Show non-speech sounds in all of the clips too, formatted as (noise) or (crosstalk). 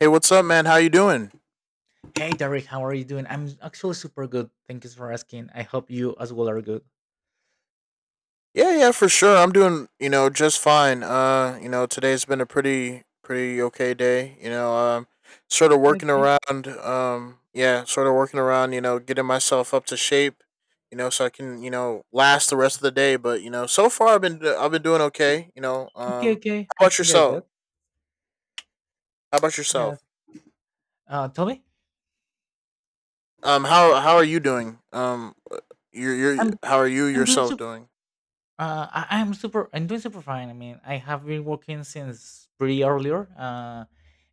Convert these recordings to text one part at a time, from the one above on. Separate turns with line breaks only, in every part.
Hey, what's up, man? How you doing?
Hey Derek, how are you doing? I'm actually super good. Thank you for asking. I hope you as well are good.
Yeah, yeah, for sure. I'm doing, just fine. Today's been a pretty okay day. Sort of
Okay,
working
okay,
around. Yeah, sort of working around. Getting myself up to shape. So I can, last the rest of the day. But so far I've been doing okay.
okay, okay.
How
I
about
can get that.
yourself? How about yourself?
Yes. Tell me.
How are you doing?
I'm
How are you
I'm doing
yourself
super.
doing?
I'm super. I'm doing super fine. I mean, I have been working since pretty earlier. Uh,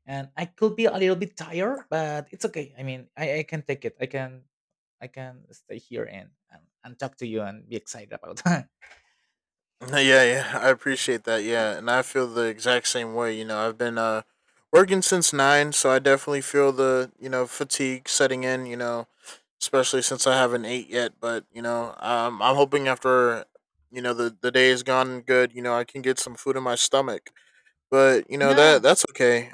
and I could be a little bit tired, but it's okay. I mean, I can take it. I can stay here and and talk to you and be excited about.
(laughs) Yeah, yeah, I appreciate that. Yeah, and I feel the exact same way. I've been working since nine, so I definitely feel the fatigue setting in. Especially since I haven't ate yet. But I'm hoping after the day is gone good, I can get some food in my stomach. But
(laughs) Yeah.
that's okay.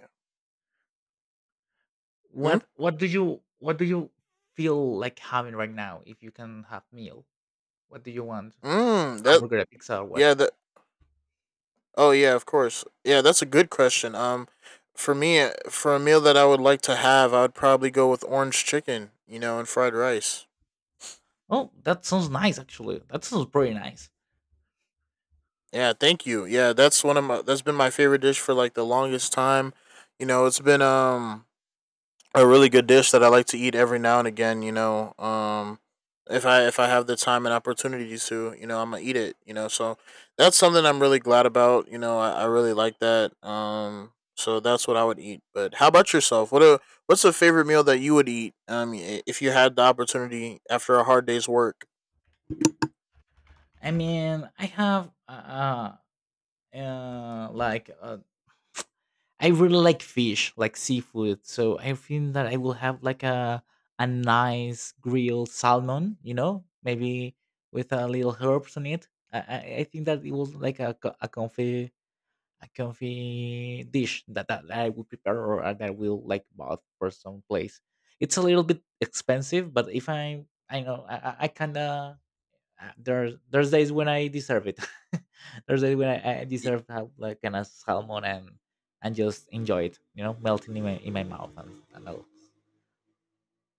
Mm,
What do you feel like having right now if you can have meal? What do you want? Like
mm that
hamburger, a pizza, or what?
yeah, that Oh yeah, of course. Yeah, that's a good question. For me, for a meal that I would like to have, I would probably go with orange chicken, and fried rice.
Oh, that sounds nice actually. That sounds pretty nice.
Yeah, thank you. Yeah, that's one of my that's been my favorite dish for like the longest time. It's been a really good dish that I like to eat every now and again. If I have the time and opportunity to, I'm gonna eat it. So that's something I'm really glad about. I really like that. So that's what I would eat. But how about yourself? What's a favorite meal that you would eat? If you had the opportunity after a hard day's work.
I mean, uh, like uh, I really like fish, like seafood. So I think that I will have like a nice grilled salmon, maybe with a little herbs on it. I think that it was like a comfy dish that I would prepare or that I will like bought for some place. It's a little bit expensive, but if I I know, I kind of, there's days when I deserve it. (laughs) There's days when I deserve to have like kind of salmon and just enjoy it, you know, melting in my mouth and all.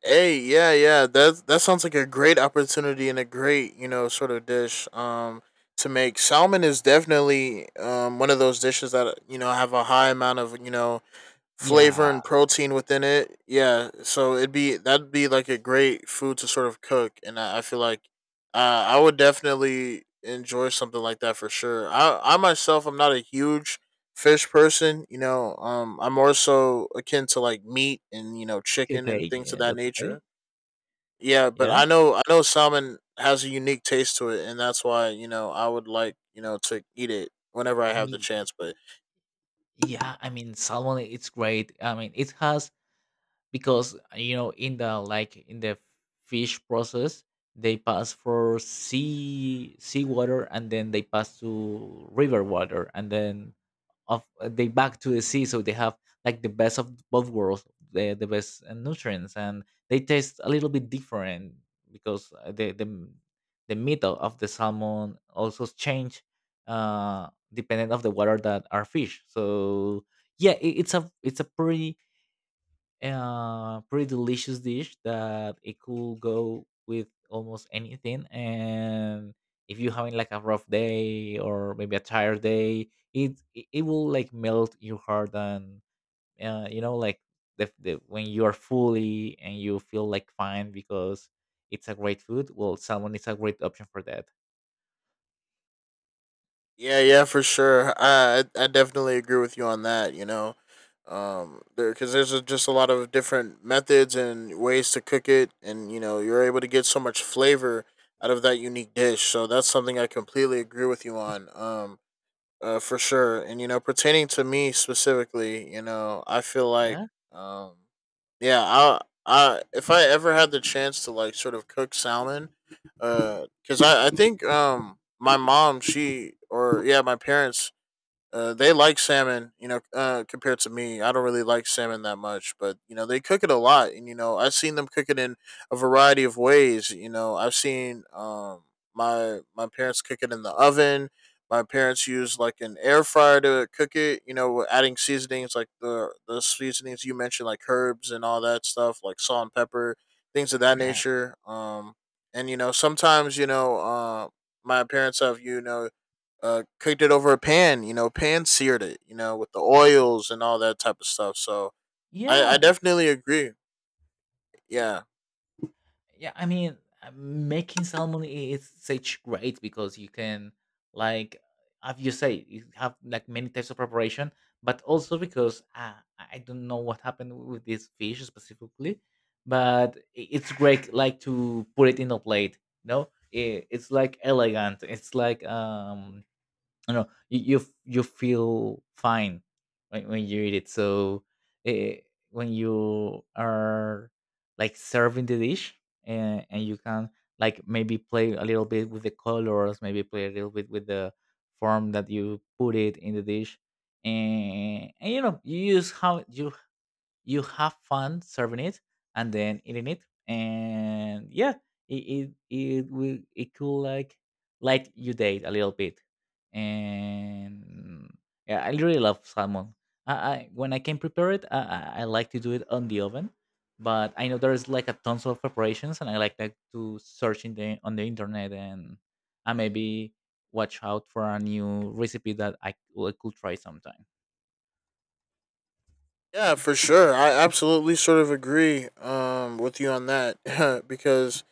Hey, yeah, yeah. That sounds like a great opportunity and a great, sort of dish to make. Salmon is definitely one of those dishes that have a high amount of,
Yeah.
flavor and protein within it. Yeah. So it'd be that'd be like a great food to sort of cook, and I feel like uh I would definitely enjoy something like that for sure. I myself, I'm not a huge fish person, I'm more so akin to like meat and
Okay.
chicken and
Okay. Yeah,
things of
yeah,
that
that's okay.
nature. Yeah, but
Yeah.
I know salmon has a unique taste to it, and that's why I would like to eat it whenever I
I
have the
mean,
chance. But
yeah. I mean, salmon. It's great. I mean, it has because you know in the fish process they pass for sea water, and then they pass to river water, and then of they back to the sea, so they have like the best of both worlds, the best nutrients, and they taste a little bit different because the meat of the salmon also change uh dependent of the water that are fish, so yeah, it's a pretty pretty delicious dish that it could go with almost anything. And if you're having like a rough day or maybe a tired day, it will like melt your heart and you know like the when you are fully and you feel like fine because it's a great food. Well, salmon is a great option for that.
yeah, yeah, for sure, I definitely agree with you on that. There, because there's a, just a lot of different methods and ways to cook it, and you're able to get so much flavor out of that unique dish. So that's something I completely agree with you on. For sure. And pertaining to me specifically, I feel like,
Yeah.
um, yeah, I, if I ever had the chance to like sort of cook salmon, because I think, my mom, she, or yeah, my parents, they like salmon, compared to me. I don't really like salmon that much, but they cook it a lot, and I've seen them cook it in a variety of ways. I've seen my parents cook it in the oven. My parents use like an air fryer to cook it. Adding seasonings like the seasonings you mentioned, like herbs and all that stuff, like salt and pepper, things of that
Yeah.
nature. And Sometimes my parents have cooked it over a pan. Pan seared it. With the oils and all that type of stuff. So I
Yeah.
definitely agree. Yeah,
Yeah, I mean, making salmon is such great because you can, like, as you say, you have like many types of preparation, but also because I don't know what happened with this fish specifically, but it's great like to put it in a plate. You know, it's like elegant. It's like no you feel fine when you eat it. So eh, when you are like serving the dish, and you can like maybe play a little bit with the colors, maybe play a little bit with the form that you put it in the dish, and you know, you use how you you have fun serving it and then eating it, and yeah, it will it could like light your date a little bit, and yeah, I really love salmon. I, when I can prepare it, I like to do it on the oven, but I know there's like a tons of preparations, and I like that to search in the internet, and I maybe watch out for a new recipe that I could try sometime.
yeah, for sure. I absolutely sort of agree with you on that (laughs) because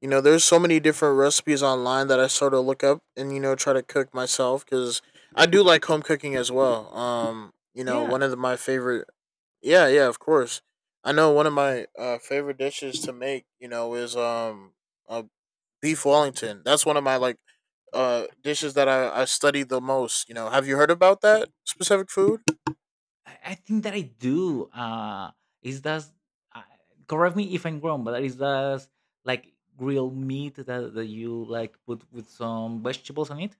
there's so many different recipes online that I sort of look up and try to cook myself, because I do like home cooking as well.
Yeah,
One of the, my favorite. Yeah, yeah, of course. I know one of my favorite dishes to make, is a beef Wellington. That's one of my like dishes that I study the most. Have you heard about that specific food?
I think that I do. Is that uh, correct me if I'm wrong, but is that like grilled meat that you like put with some vegetables on it?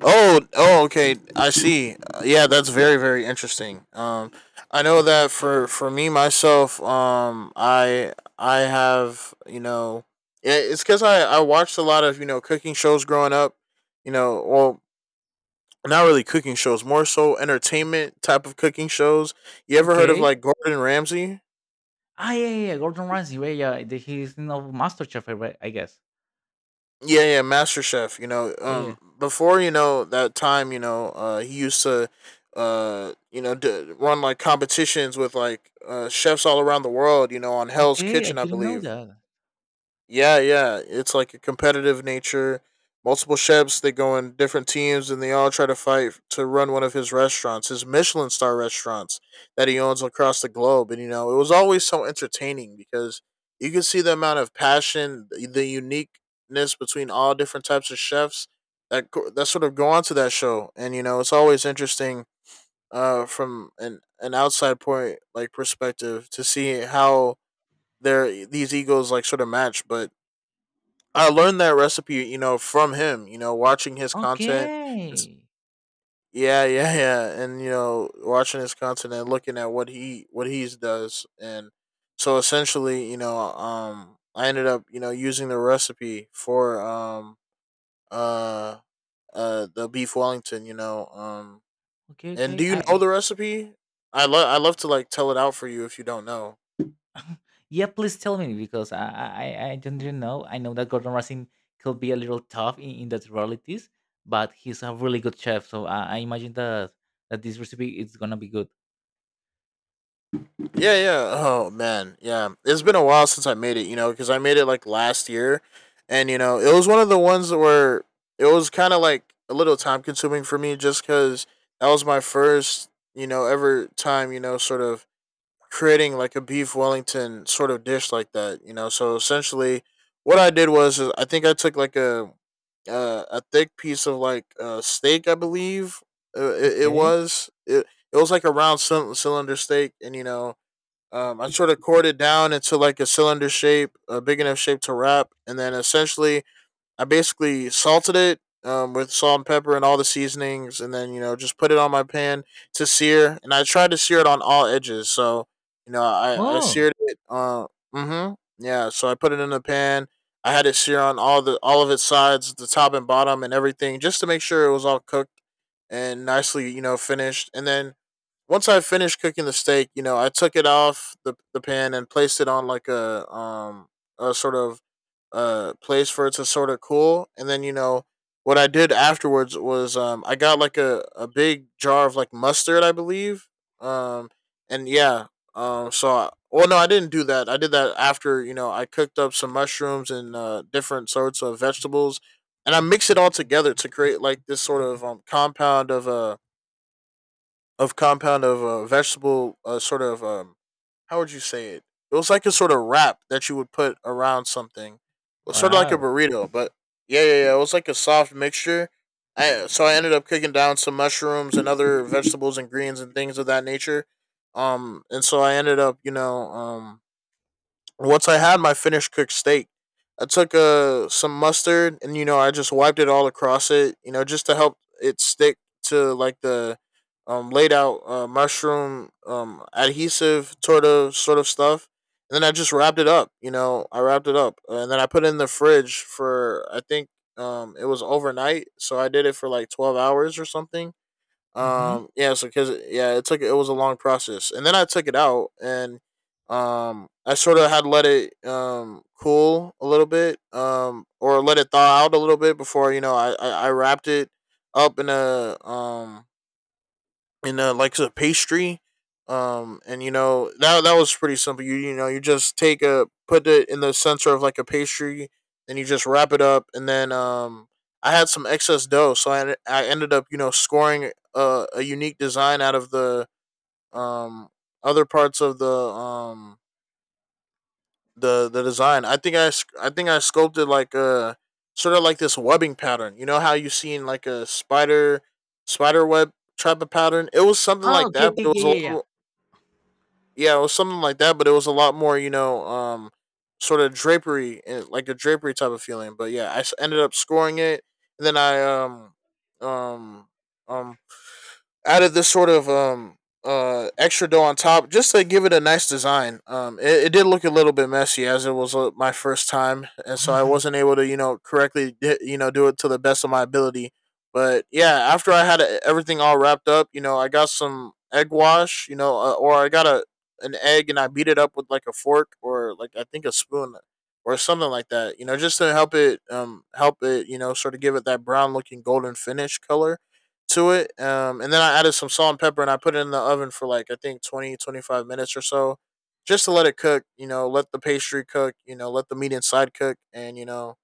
Oh, oh, okay, I see. Yeah, that's very interesting. I know that for me myself, I have yeah, it's because I watched a lot of cooking shows growing up. You know, well. Not really cooking shows, more so entertainment type of cooking shows. You ever heard of
Okay.
like Gordon Ramsay?
Ah, yeah, yeah, yeah, Gordon Ramsay. Yeah, yeah, yeah, he's in of MasterChef, I guess.
Yeah, yeah, Master Chef.
Yeah.
Before that time, he used to, run like competitions with like chefs all around the world, on Hell's
Okay, I
Kitchen, I
didn't know
believe.
that.
Yeah, yeah. It's like a competitive nature. Multiple chefs, they go in different teams and they all try to fight to run one of his restaurants, his Michelin star restaurants that he owns across the globe. And, it was always so entertaining, because you could see the amount of passion, the uniqueness between all different types of chefs that sort of go onto that show. And, it's always interesting from an outside point, like perspective, to see how these egos like sort of match. But I learned that recipe, from him. Watching his content. It's,
Okay,
yeah, yeah, yeah, and watching his content and looking at what he's does, and so essentially, I ended up, using the recipe for uh the beef Wellington.
okay,
And do
okay.
you know the recipe? I love to like tell it out for you if you don't know.
Yeah, please tell me because I don't really know. I know that Gordon Ramsay could be a little tough in that realities, but he's a really good chef. So I imagine that this recipe is gonna be good.
Yeah, yeah. Oh man, yeah. It's been a while since I made it, because I made it like last year, and it was one of the ones that were it was kind of like a little time consuming for me, just because that was my first, ever time, sort of creating like a beef Wellington sort of dish like that, So essentially, what I did was is I think I took like a thick piece of like steak, I believe it
Okay.
was. It was like a round cylinder steak, and I sort of cored it down into like a cylinder shape, a big enough shape to wrap, and then essentially I basically salted it with salt and pepper and all the seasonings, and then just put it on my pan to sear. And I tried to sear it on all edges, so I
Oh,
seared it. Mm-hmm. Yeah, so I put it in the pan. I had it sear on all the all of its sides, the top and bottom, and everything, just to make sure it was all cooked and nicely, finished. And then once I finished cooking the steak, I took it off the pan and placed it on like a sort of place for it to sort of cool. And then what I did afterwards was I got like a big jar of like mustard, I believe. Um and yeah, so I, well no, I didn't do that. I did that after I cooked up some mushrooms and different sorts of vegetables, and I mixed it all together to create like this sort of compound of a of compound of vegetable sort of how would you say it? It was like a sort of wrap that you would put around something. It was sort of like a
wow.
burrito. But yeah, yeah, yeah. It was like a soft mixture. I so I ended up cooking down some mushrooms and other vegetables and greens and things of that nature. And so I ended up, once I had my finished cooked steak, I took some mustard and I just wiped it all across it, just to help it stick to like the laid out mushroom adhesive sort of stuff. And then I just wrapped it up, I wrapped it up and then I put it in the fridge for I think it was overnight, so I did it for like 12 hours or something.
Mm-hmm.
Yeah, so cause Yeah, it was a long process, and then I took it out, and I sort of had let it cool a little bit, or let it thaw out a little bit before I wrapped it up in a in like a pastry. And you know that was pretty simple. You know you just take a put it in the center of like a pastry, and you just wrap it up. And then I had some excess dough, so I ended up you know scoring a unique design out of the um other parts of the the design. I think I sculpted like a sort of like this webbing pattern. You know how you see in like a spider web type of pattern. It was something
Oh,
like
okay,
that,
okay,
but it was a
yeah,
lot
yeah.
more yeah, it was something like that, but it was a lot more, you know, sort of drapery, like a drapery type of feeling. But yeah, ended up scoring it, and then I um um added this sort of extra dough on top just to give it a nice design. It did look a little bit messy as it was my first time, and so I wasn't able to you know correctly you know do it to the best of my ability. But yeah, after I had everything all wrapped up, you know, I got some egg wash, you know, or I got a an egg and I beat it up with like a fork or like I think a spoon or something like that, you know, just to help it, you know, sort of give it that brown looking golden finish color to it. And then I added some salt and pepper and I put it in the oven for like, I think 20, 25 minutes or so just to let it cook, you know, let the pastry cook, you know, let the meat inside cook. And, you know,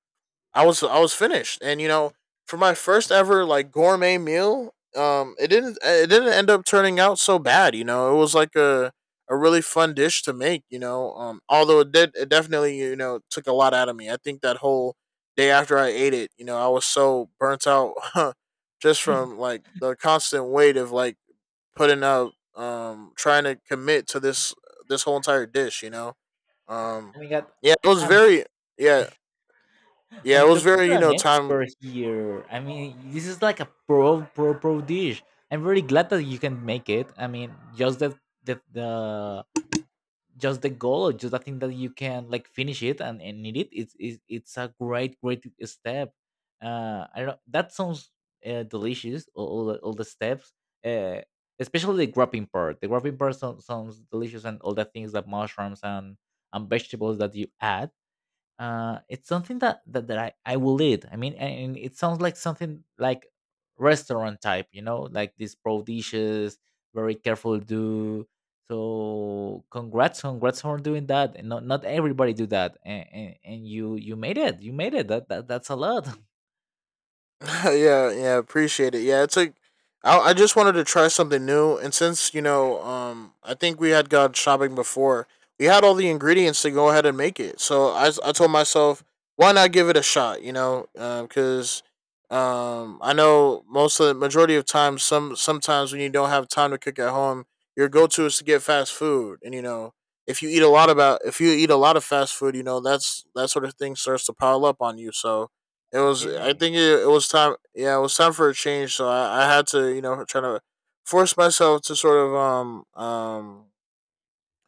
I was finished, and you know, for my first ever like gourmet meal, it didn't end up turning out so bad. You know, it was like a really fun dish to make. You know, although it did it definitely you know took a lot out of me. I think that whole day after I ate it, you know, I was so burnt out (laughs) just
Yeah.
from
(laughs)
like the constant weight of like putting up, trying to commit to this whole entire dish. You know, um,
Oh my god,
yeah, it was
I'm
very yeah yeah,
I'm
it was
talking
very,
to
you
an
know,
expert
time.
here. I mean, this is like a pro pro pro dish. I'm very glad that you can make it. I mean, just that the just the goal, or just the thing that you can like finish it and need it, it's a great great step. I don't know, that sounds delicious, all the steps uh especially the grapping part sounds delicious, and all the things that mushrooms and vegetables that you add, it's something that I will eat, I mean, and it sounds like something like restaurant type, you know, like these pro dishes, very careful do. So congrats congrats for doing that, and not everybody do that, and and you made it that's a lot. (laughs)
(laughs) Yeah, yeah, appreciate it. Yeah, it's like I just wanted to try something new, and since you know, I think we had gone shopping before. We had all the ingredients to go ahead and make it, so I told myself, why not give it a shot? You know, because I know most of the majority of times, sometimes when you don't have time to cook at home, your go to is to get fast food, and you know, if you eat a lot about if you eat a lot of fast food, you know that's that sort of thing starts to pile up on you. So it was. I
Okay.
think it was time. Yeah, it was time for a change. So I had to, you know, try to force myself to sort of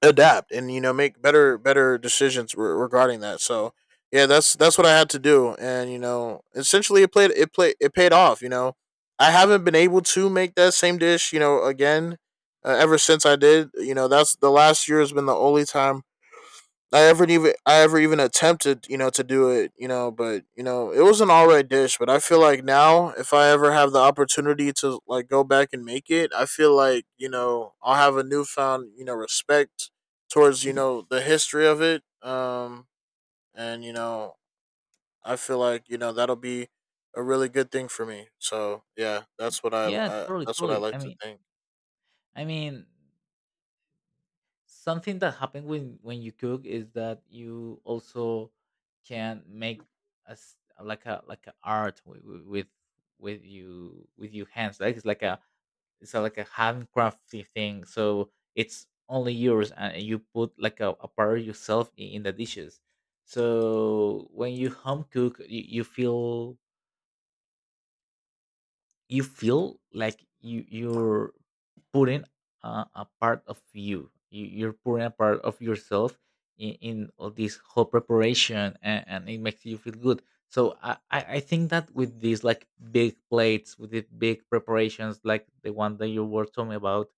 adapt and you know make better better decisions regarding that. So yeah, that's what I had to do, and you know, essentially it paid off. You know, I haven't been able to make that same dish, you know, again ever since I did. You know, that's the last year has been the only time I ever even attempted, you know, to do it, you know, but you know, it was an alright dish. But I feel like now, if I ever have the opportunity to like go back and make it, I feel like you know I'll have a newfound you know respect towards you know the history of it. And you know, I feel like you know that'll be a really good thing for me. So yeah, that's what I,
Yeah,
I
totally
that's what I
totally, I
like to
mean,
think.
i mean something that happens when you cook is that you also can make a s- like a art with you with your hands. Like it's like a, it's a, like a handcrafty thing, so it's only yours, and you put like a part of yourself in the dishes. So when you home cook, you feel, like you're putting a part of you. You you're putting a part of yourself in all this whole preparation, and it makes you feel good. So I think that with these like big plates, with the big preparations, like the one that you were talking about,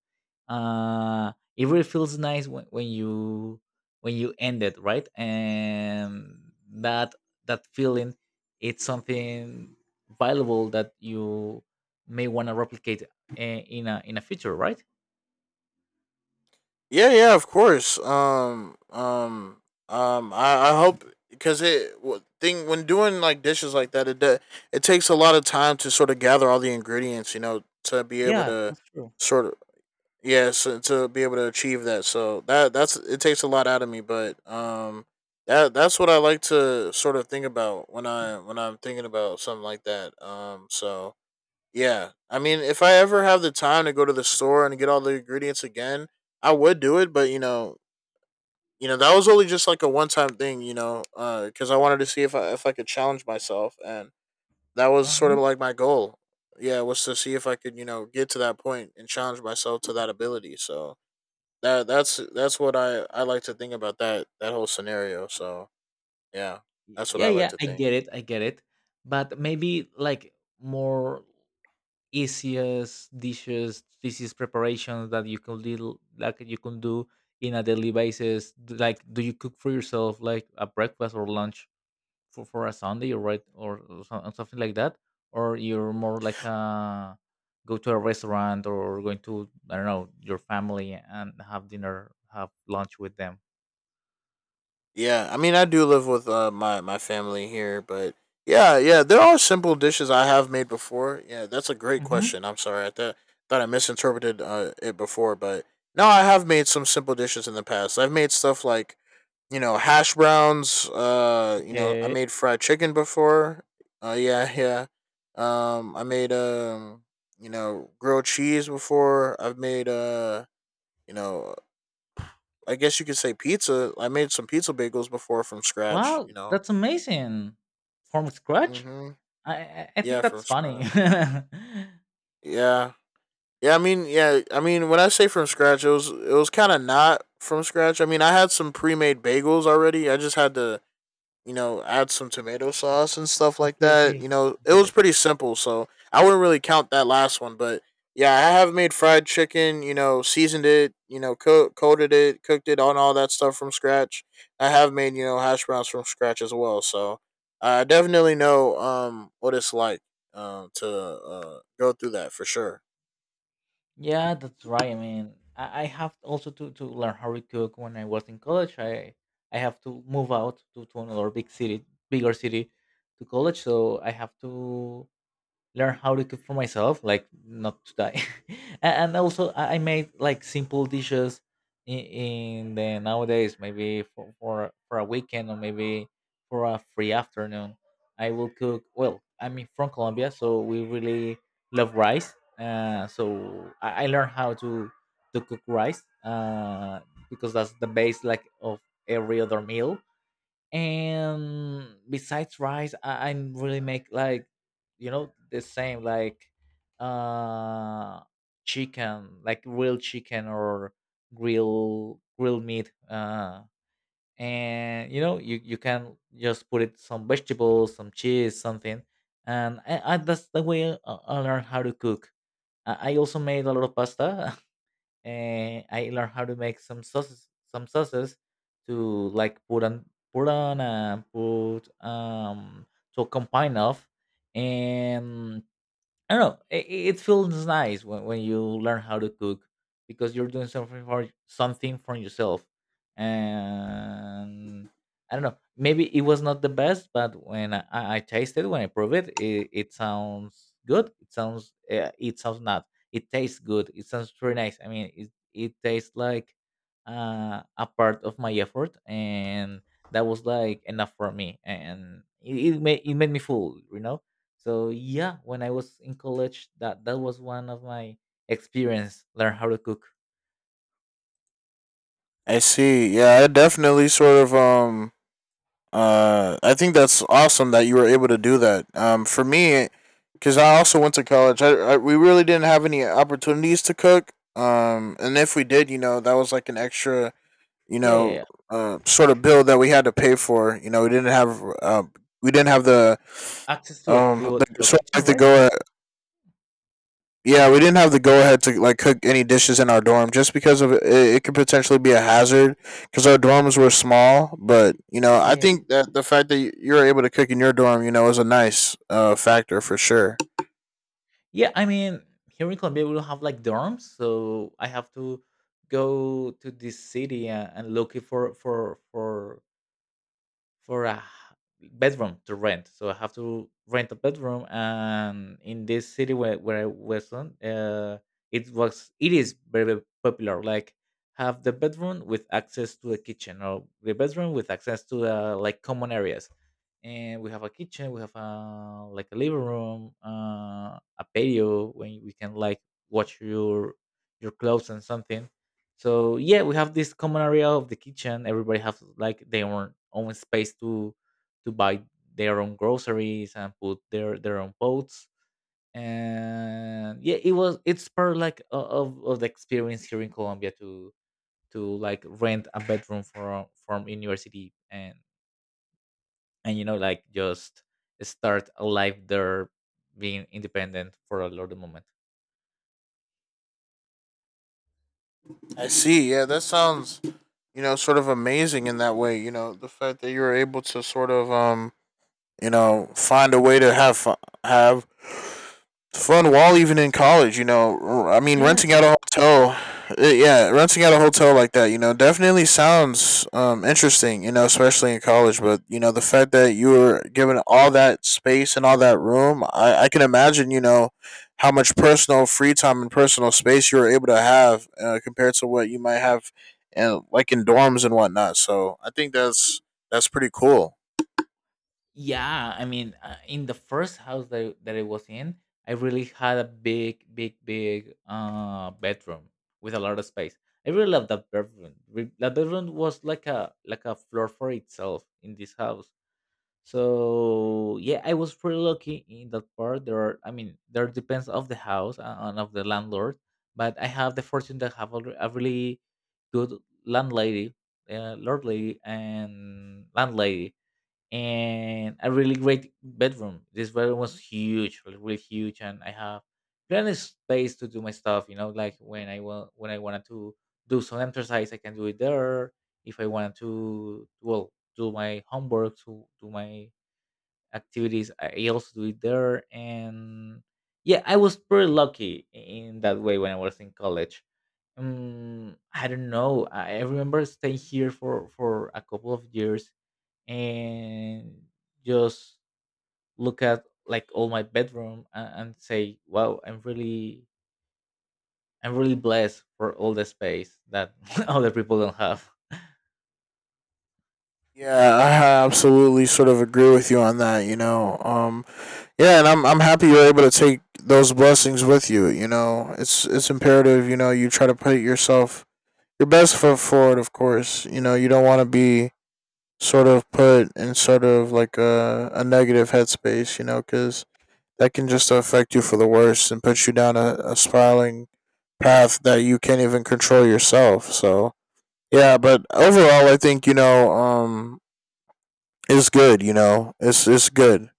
uh it really feels nice when you end it right, and that that feeling, it's something valuable that you may want to replicate in a future, right?
Yeah, yeah, of course. I hope because thing when doing like dishes like that, it takes a lot of time to sort of gather all the ingredients, you know, to be able
Yeah,
to
that's true.
sort of yeah, so, to be able to achieve that. So that's it takes a lot out of me, but that's what I like to sort of think about when I'm thinking about something like that. So yeah. I mean, if I ever have the time to go to the store and get all the ingredients again, I would do it, but you know, that was only just like a one-time thing, you know, cuz I wanted to see if I could challenge myself and that was sort of
Uh-huh.
like my goal. Yeah, was to see if I could, you know, get to that point and challenge myself to that ability. So, that's what I like to think about that whole scenario. So, yeah, that's what
Yeah,
I like
yeah,
to
I
think.
get it, I get it. But maybe like more easiest dishes, easiest preparations that you can do, like you can do in a daily basis? Like, do you cook for yourself like a breakfast or lunch for a Sunday or right or something like that? Or you're more like a go to a restaurant or going to, I don't know, your family and have dinner, have lunch with them.
Yeah, I mean, I do live with my my family here, but yeah, yeah, there are simple dishes I have made before. Yeah, that's a great
Hmm.
question. I'm sorry, I thought thought I misinterpreted it before, but no, I have made some simple dishes in the past. I've made stuff like you know hash browns. You know, I
Okay.
made fried chicken before. Yeah, (laughs) yeah. I made you know, grilled cheese before. I've made you know, I guess you could say pizza. I made some pizza bagels before from scratch.
Wow,
You know.
that's amazing! From scratch,
Mhm.
I I
Yeah,
think
from
that's funny.
scratch.
(laughs)
Yeah. Yeah. I mean, yeah. I mean, when I say from scratch, it was kind of not from scratch. I mean, I had some pre made bagels already. I just had to you know, add some tomato sauce and stuff like
Okay,
that.
okay,
You know,
I
it
get
was
it.
pretty simple, so I wouldn't really count that last one. But yeah, I have made fried chicken. You know, seasoned it. You know, coated it, cooked it, on all that stuff from scratch. I have made you know hash browns from scratch as well. So I definitely know what it's like to go through that for sure.
Yeah, that's right. I mean, I have also to learn how to cook. When I was in college, I have to move out to another big city, bigger city, to college. So I have to learn how to cook for myself, like not to die. (laughs) And also, I made like simple dishes in the nowadays, maybe for, for a weekend or maybe for a free afternoon. I will cook. Well, I'm from Colombia, so we really love rice. So I learned how to cook rice because that's the base like of every other meal. And besides rice, I really make like, you know, the same, like, uh chicken, like grilled chicken or grilled meat and you know you can just put it some vegetables, some cheese, something. And that's the way I learned how to cook. I also made a lot of pasta, and I learned how to make some sauces, to like put on, put on, and put to combine of, and I don't know. It feels nice when you learn how to cook because you're doing something for something for yourself. And I don't know. Maybe it was not the best, but when I tasted, when I prove it, it sounds good. It sounds not. It tastes good. It sounds very nice. I mean, it tastes like a part of my effort, and that was like enough for me. And it made me full. You know, so yeah, when I was in college, that that was one of my experience. Learn how to cook.
I see. Yeah, I definitely sort of I think that's awesome that you were able to do that. For me, because I also went to college, I we really didn't have any opportunities to cook. And if we did, you know, that was like an extra, you
Yeah, yeah,
know,
yeah.
sort of bill that we had to pay for. You know, we didn't have the
Access to a to a
sort of
kitchen,
like the
right?
go yeah, we didn't have the go ahead to like cook any dishes in our dorm just because of it could potentially be a hazard because our dorms were small. But you know, I
Okay.
think that the fact that you're able to cook in your dorm, you know, is a nice factor for sure.
Yeah, I mean, here in Colombia we don't have like dorms, so I have to go to this city, and look it for a bedroom to rent. So I have to rent a bedroom, and in this city where I was on, it is very, very popular. Like have the bedroom with access to a kitchen, or the bedroom with access to like common areas. And we have a kitchen, we have a like a living room, a patio when we can like wash your clothes and something so yeah, we have this common area of the kitchen. Everybody has like their own space to buy their own groceries and put their own pots. And yeah, it's part like of the experience here in Colombia to like rent a bedroom from university and you know like just start a life there being independent for a lot of moment.
I see. Yeah, that sounds you know sort of amazing in that way. You know, the fact that you were able to sort of you know, find a way to have fun while even in college. You know, I mean,
Yeah.
renting out a hotel, yeah, renting out a hotel like that. You know, definitely sounds interesting. You know, especially in college. But you know, the fact that you were given all that space and all that room, I can imagine. You know, how much personal free time and personal space you were able to have compared to what you might have, and like in dorms and whatnot. So I think that's pretty cool.
Yeah, I mean, in the first house that I was in, I really had a big bedroom with a lot of space. I really loved that bedroom. That bedroom was like a floor for itself in this house. So yeah, I was pretty lucky in that part. I mean, there depends of the house and of the landlord, but I have the fortune to have a, a really good landlady, lord lady, and landlady and a really great bedroom. This bedroom was huge, like, really huge, and I have plenty of space to do my stuff. You know, like when I wanted to do some exercise, I can do it there. If I wanted to, well, do my homework, to do my activities, I also do it there. And yeah, I was pretty lucky in that way when I was in college. I don't know. I remember staying here for a couple of years and just look at like all my bedroom and say wow, I'm really I'm really blessed for all the space that (laughs) other people don't have.
Yeah, I absolutely sort of agree with you on that. You know, yeah, and I'm happy you're able to take those blessings with you. You know, it's imperative. You know, you try to put yourself your best foot forward. Of course, you know you don't want to be sort of put in sort of like a negative headspace. You know, because that can just affect you for the worst and put you down a spiraling path that you can't even control yourself. So yeah, but overall, I think it's good. You know, it's good.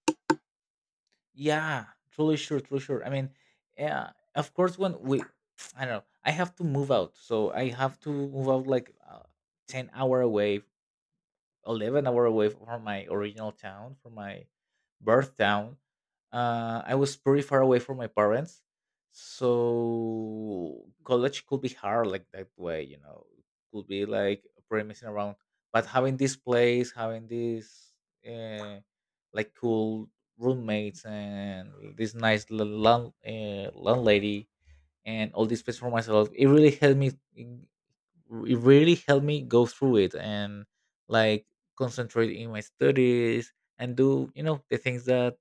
Yeah. Truly sure, I mean, yeah, of course when we I don't know, I have to move out, so I have to move out like 10 hour away, 11 hour away from my original town, from my birth town. I was pretty far away from my parents, so college could be hard like that way. You know, could be like pretty messing around. But having this place, having this uh, like cool roommates and this nice land, landlady and all this space for myself, it really helped me it really helped me go through it and like concentrate in my studies and do you know the things that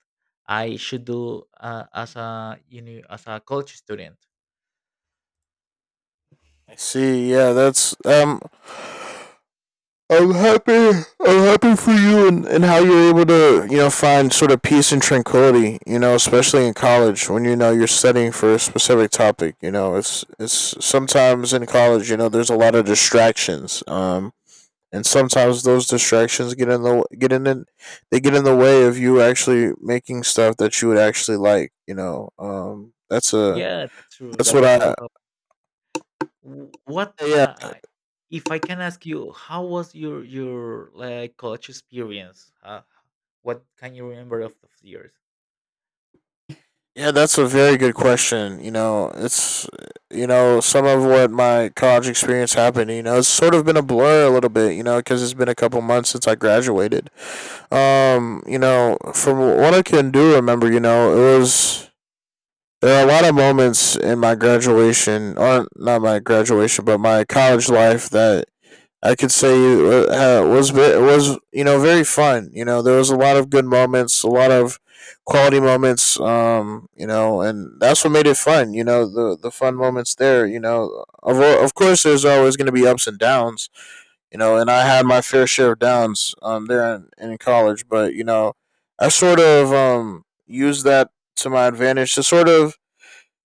I should do as a you know as a college student.
I see. Yeah, that's. I'm happy. I'm happy for you and how you're able to you know find sort of peace and tranquility. You know, especially in college when you know you're studying for a specific topic. You know, it's sometimes in college. You know, there's a lot of distractions. And sometimes those distractions they get in the way of you actually making stuff that you would actually like you know that's a
Yeah, that's true.
that's
That
what
that's
I
all help. What
yeah
if I can ask you, how was your like college experience? What can you remember of those years?
yeah that's a very good question. You know, it's, you know, some of what my college experience happened, you know, it's sort of been a blur a little bit, you know, because it's been a couple months since I graduated. You know, from what I can do remember, you know, it was, there are a lot of moments in my graduation, or not my graduation, but my college life that I could say uh, was was you know very fun. You know, there was a lot of good moments, a lot of quality moments. You know, and that's what made it fun. You know, the fun moments there. You know, of course, there's always going to be ups and downs. You know, and I had my fair share of downs there in college, but you know, I sort of used that to my advantage to sort of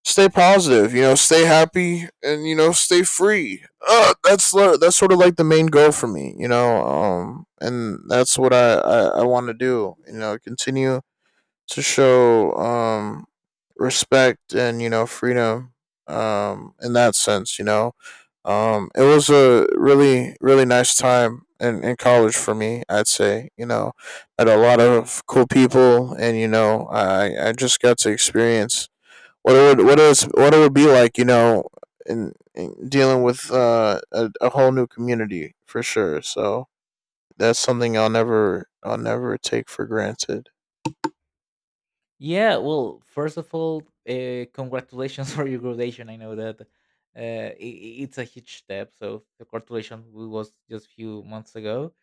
stay positive, you know, stay happy and you know, stay free. That's sort of like the main goal for me, you know. And that's what I want to do, you know, continue to show respect and, you know, freedom in that sense, you know. It was a really really nice time in college for me, I'd say, you know. I had a lot of cool people and you know, I just got to experience what it would be like, you know, in dealing with a whole new community for sure. So that's something I'll never take for granted.
Yeah, well, first of all, congratulations (laughs) for your graduation. I know that it's a huge step. So the congratulations was just a few months ago,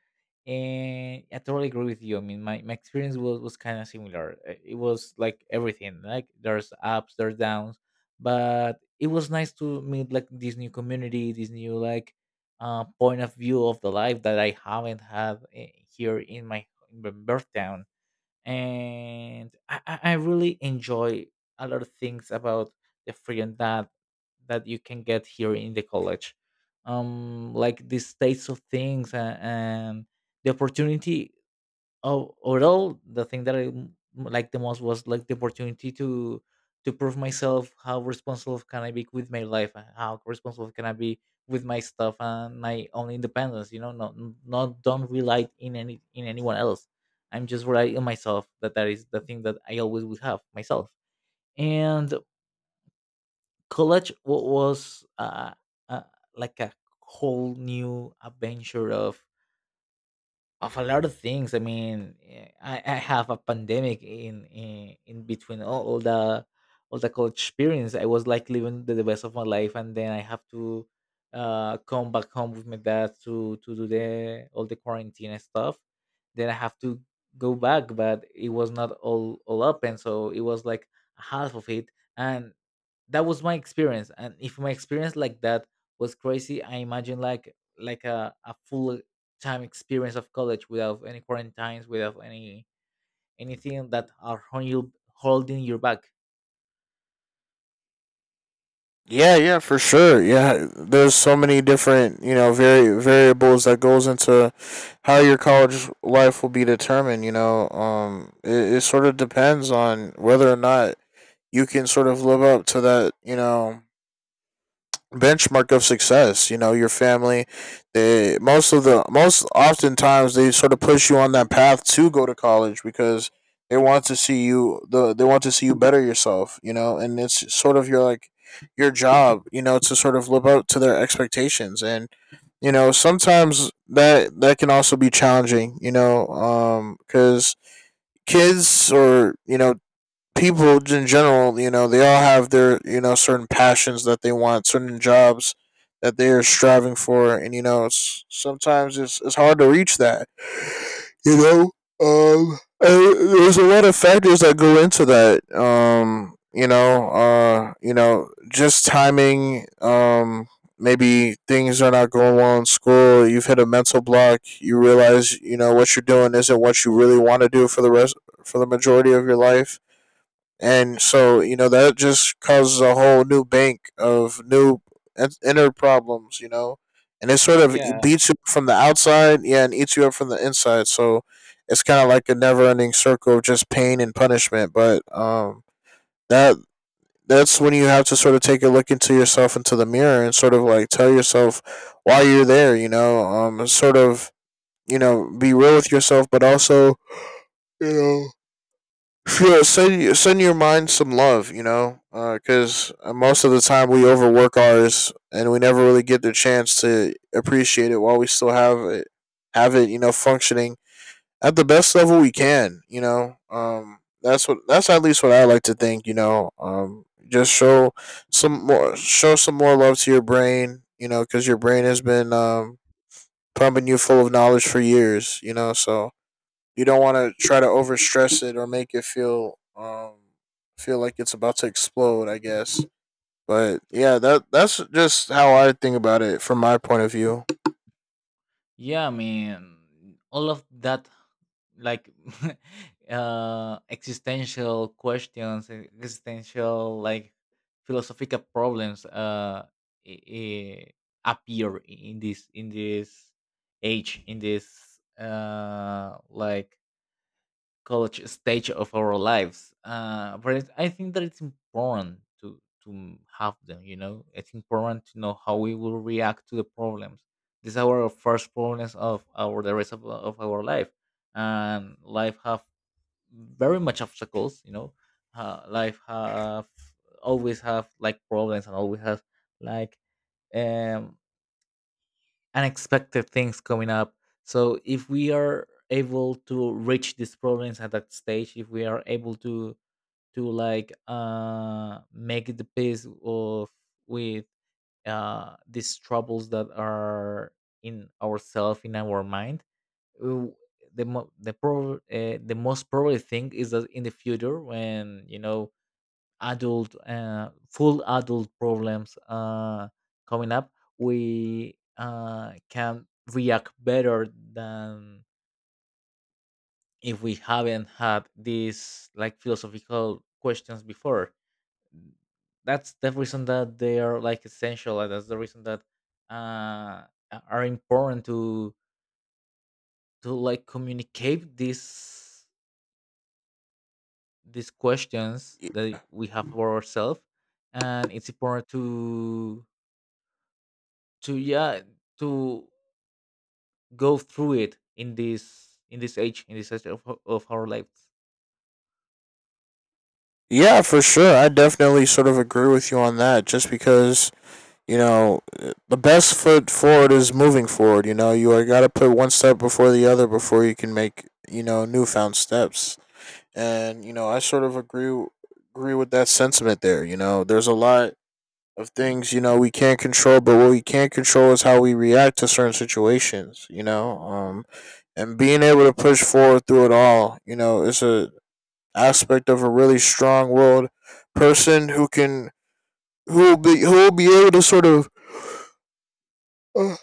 and I totally agree with you. I mean, my experience was kind of similar. It was like everything, like there's ups, there's downs, but it was nice to meet like this new community, this new like point of view of the life that I haven't had here in my birth town and I really enjoy a lot of things about the freedom that you can get here in the college, like these states of things and the opportunity. Oh, overall, the thing that I liked the most was like the opportunity to prove myself how responsible can I be with my life, how responsible can I be with my stuff and my own independence. You know, not don't rely in any in anyone else. I'm just relying on myself. That is the thing that I always would have myself. And college was uh, like a whole new adventure of a lot of things. I mean, I have a pandemic in in between all the college experience. I was like living the best of my life, and then I have to come back home with my dad to do the all the quarantine and stuff. Then I have to go back, but it was not all all open, so it was like half of it, and that was my experience, and if my experience like that was crazy, I imagine like a full time experience of college without any quarantines, without any anything that are holding you back.
Yeah, yeah, for sure. Yeah, there's so many different you know variables that goes into how your college life will be determined. You know, it sort of depends on whether or not you can sort of live up to that. You know, benchmark of success. You know, your family, they most of the most oftentimes they sort of push you on that path to go to college because they want to see you better yourself, you know, and it's sort of your like your job, you know, to sort of live up to their expectations. And, you know, sometimes that can also be challenging, you know, cuz kids or, you know, people in general, you know, they all have their, you know, certain passions that they want, certain jobs that they are striving for, and you know, sometimes it's hard to reach that. You know, and there's a lot of factors that go into that. You know, just timing. Maybe things are not going well in school. You've hit a mental block. You realize, you know, what you're doing isn't what you really want to do for the majority of your life, and so you know that just causes a whole new bank of new inner problems, you know, and it sort of
Yeah.
beats you from the outside yeah and eats you up from the inside. So it's kind of like a never-ending circle of just pain and punishment. But that that's when you have to sort of take a look into yourself, into the mirror, and sort of like tell yourself why you're there, you know. Um, sort of, you know, be real with yourself but also you know yeah, send your mind some love, you know, because most of the time we overwork ours and we never really get the chance to appreciate it while we still have it, you know, functioning at the best level we can, you know. That's what that's at least what I like to think, you know. Just show some more love to your brain, you know, because your brain has been pumping you full of knowledge for years, you know. So you don't want to try to overstress it or make it feel feel like it's about to explode I guess. But yeah, that that's just how I think about it from my point of view.
Yeah, I mean, all of that, like, (laughs) existential questions, existential, like, philosophical problems, i- i- appear in this age, in this, like college stage of our lives. But it, I think that it's important to have them. You know, it's important to know how we will react to the problems. These are our first problems of our the rest of our life, and life have very much obstacles. You know, life have always have like problems and always has like um unexpected things coming up. So if we are able to reach these problems at that stage, if we are able to like make the peace of with these troubles that are in ourself in our mind, uh, the most probably thing is that in the future when you know adult full adult problems coming up, we can react better than if we haven't had these like philosophical questions before. That's the reason that they are like essential, and that's the reason that uh, are important to like communicate these questions that we have for ourselves, and it's important to yeah to go through it in this in this age of, of our lives.
Yeah, for sure, I definitely sort of agree with you on that just because you know the best foot forward is moving forward. You know, you got to put one step before the other before you can make you know newfound steps. And you know I sort of agree with that sentiment there, you know. There's a lot of things you know we can't control, but what we can control is how we react to certain situations, you know. Um, and being able to push forward through it all, you know, is a aspect of a really strong willed person who will be able to sort of uh,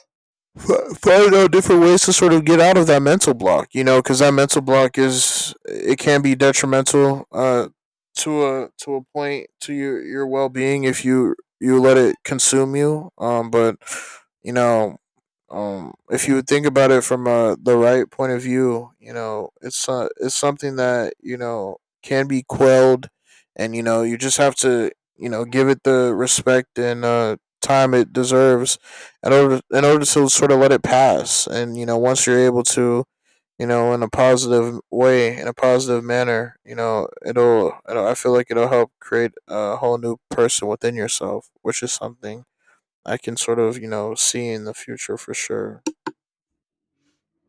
Find out different ways to sort of get out of that mental block, you know, because that mental block is it can be detrimental to a point to your well being if you you let it consume you. But you know, if you think about it from the right point of view, you know it's something that you know can be quelled, and you know you just have to you know give it the respect and time it deserves in order to sort of let it pass. And you know once you're able to you know in a positive way, in a positive manner, you know it'll, I feel like it'll help create a whole new person within yourself, which is something I can sort of you know see in the future for sure.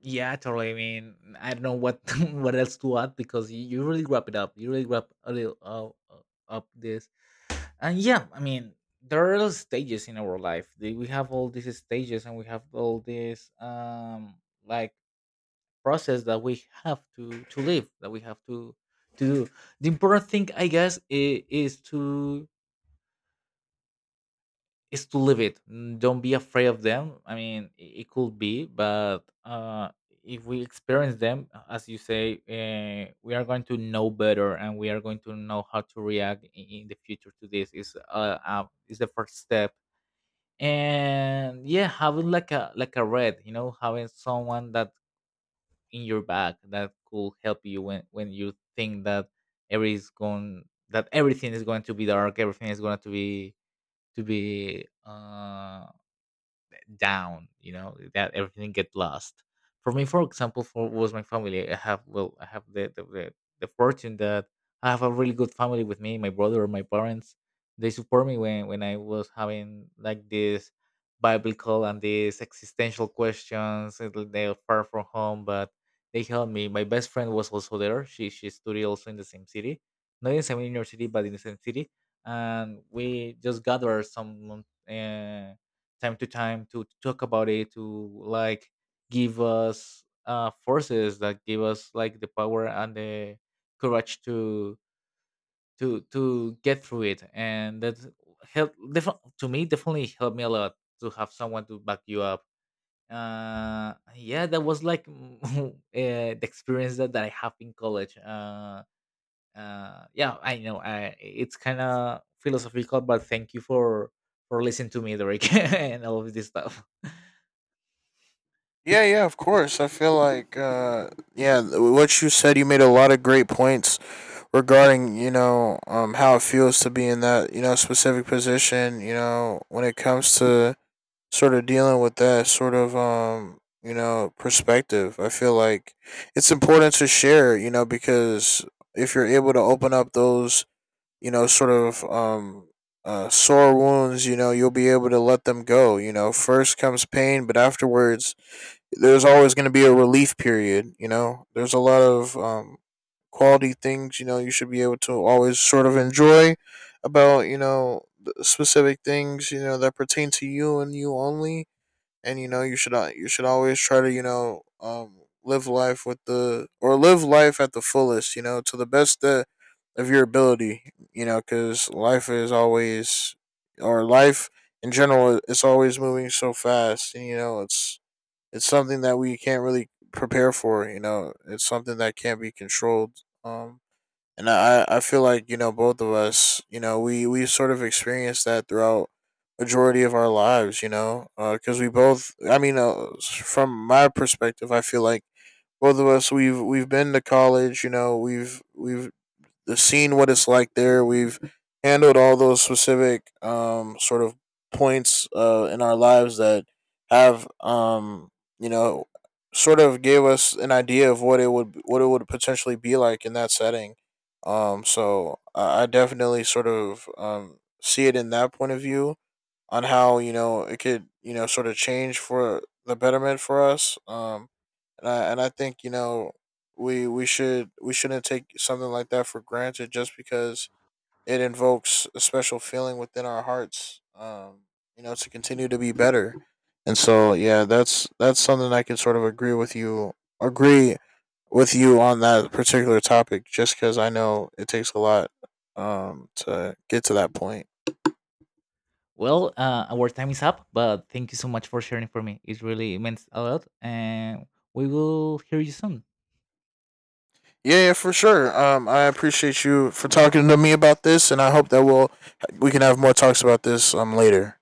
Yeah, totally. I mean, I don't know what (laughs) what else to add because you really wrap it up, you really wrap a little uh, up this. And yeah, I mean there are stages in our life. We have all these stages and we have all this like process that we have to live, that we have to do. The important thing I guess is to live it. Mm. Don't be afraid of them. I mean, it could be, but if we experience them, as you say, we are going to know better, and we are going to know how to react in the future to this. Is the first step, and yeah, having like a red, you know, having someone that in your back that could help you when you think that every is going that everything is going to be dark, everything is going to be down, you know, that everything get lost. For me, for example, for was my family. I have, well, I have the the fortune that I have a really good family with me, my brother, my parents. They support me when I was having like this biblical and these existential questions, and they're far from home, but they helped me. My best friend was also there. She studied also in the same city, not in the same university but in the same city, and we just gathered some time to time to talk about it, to like give us forces that give us like the power and the courage to to get through it, and that help defi- to me definitely helped me a lot to have someone to back you up. Yeah, that was like (laughs) the experience that, that I have in college. Yeah, I know I it's kind of philosophical, but thank you for listening to me, Derek, (laughs) and all of this stuff.
Yeah, yeah, of course. I feel like, yeah, what you said, you made a lot of great points regarding, you know, how it feels to be in that, you know, specific position, you know, when it comes to sort of dealing with that sort of, you know, perspective. I feel like it's important to share, you know, because if you're able to open up those, you know, sort of, sore wounds, you know, you'll be able to let them go. You know, first comes pain, but afterwards, there's always going to be a relief period. You know, there's a lot of quality things. You know, you should be able to always sort of enjoy about you know the specific things you know that pertain to you and you only. And you know, you should you should always try to you know live life with the or live life at the fullest. You know, to the best that of your ability. You know, because life is always or life in general it's always moving so fast and you know it's something that we can't really prepare for. You know, it's something that can't be controlled. And I feel like you know both of us, you know, we sort of experienced that throughout majority of our lives. You know, because we both, I mean, from my perspective, I feel like both of us we've been to college. You know, we've seen what it's like there. We've handled all those specific sort of points in our lives that have you know sort of gave us an idea of what it would potentially be like in that setting. So I definitely sort of see it in that point of view on how you know it could you know sort of change for the betterment for us. And I think you know we shouldn't take something like that for granted just because it invokes a special feeling within our hearts. You know, to continue to be better, and so yeah, that's something I can sort of agree with you on that particular topic. Just because I know it takes a lot to get to that point.
Well, our time is up, but thank you so much for sharing for me. It really meant a lot, and we will hear you soon.
Yeah, yeah, for sure. I appreciate you for talking to me about this, and I hope that we can have more talks about this later.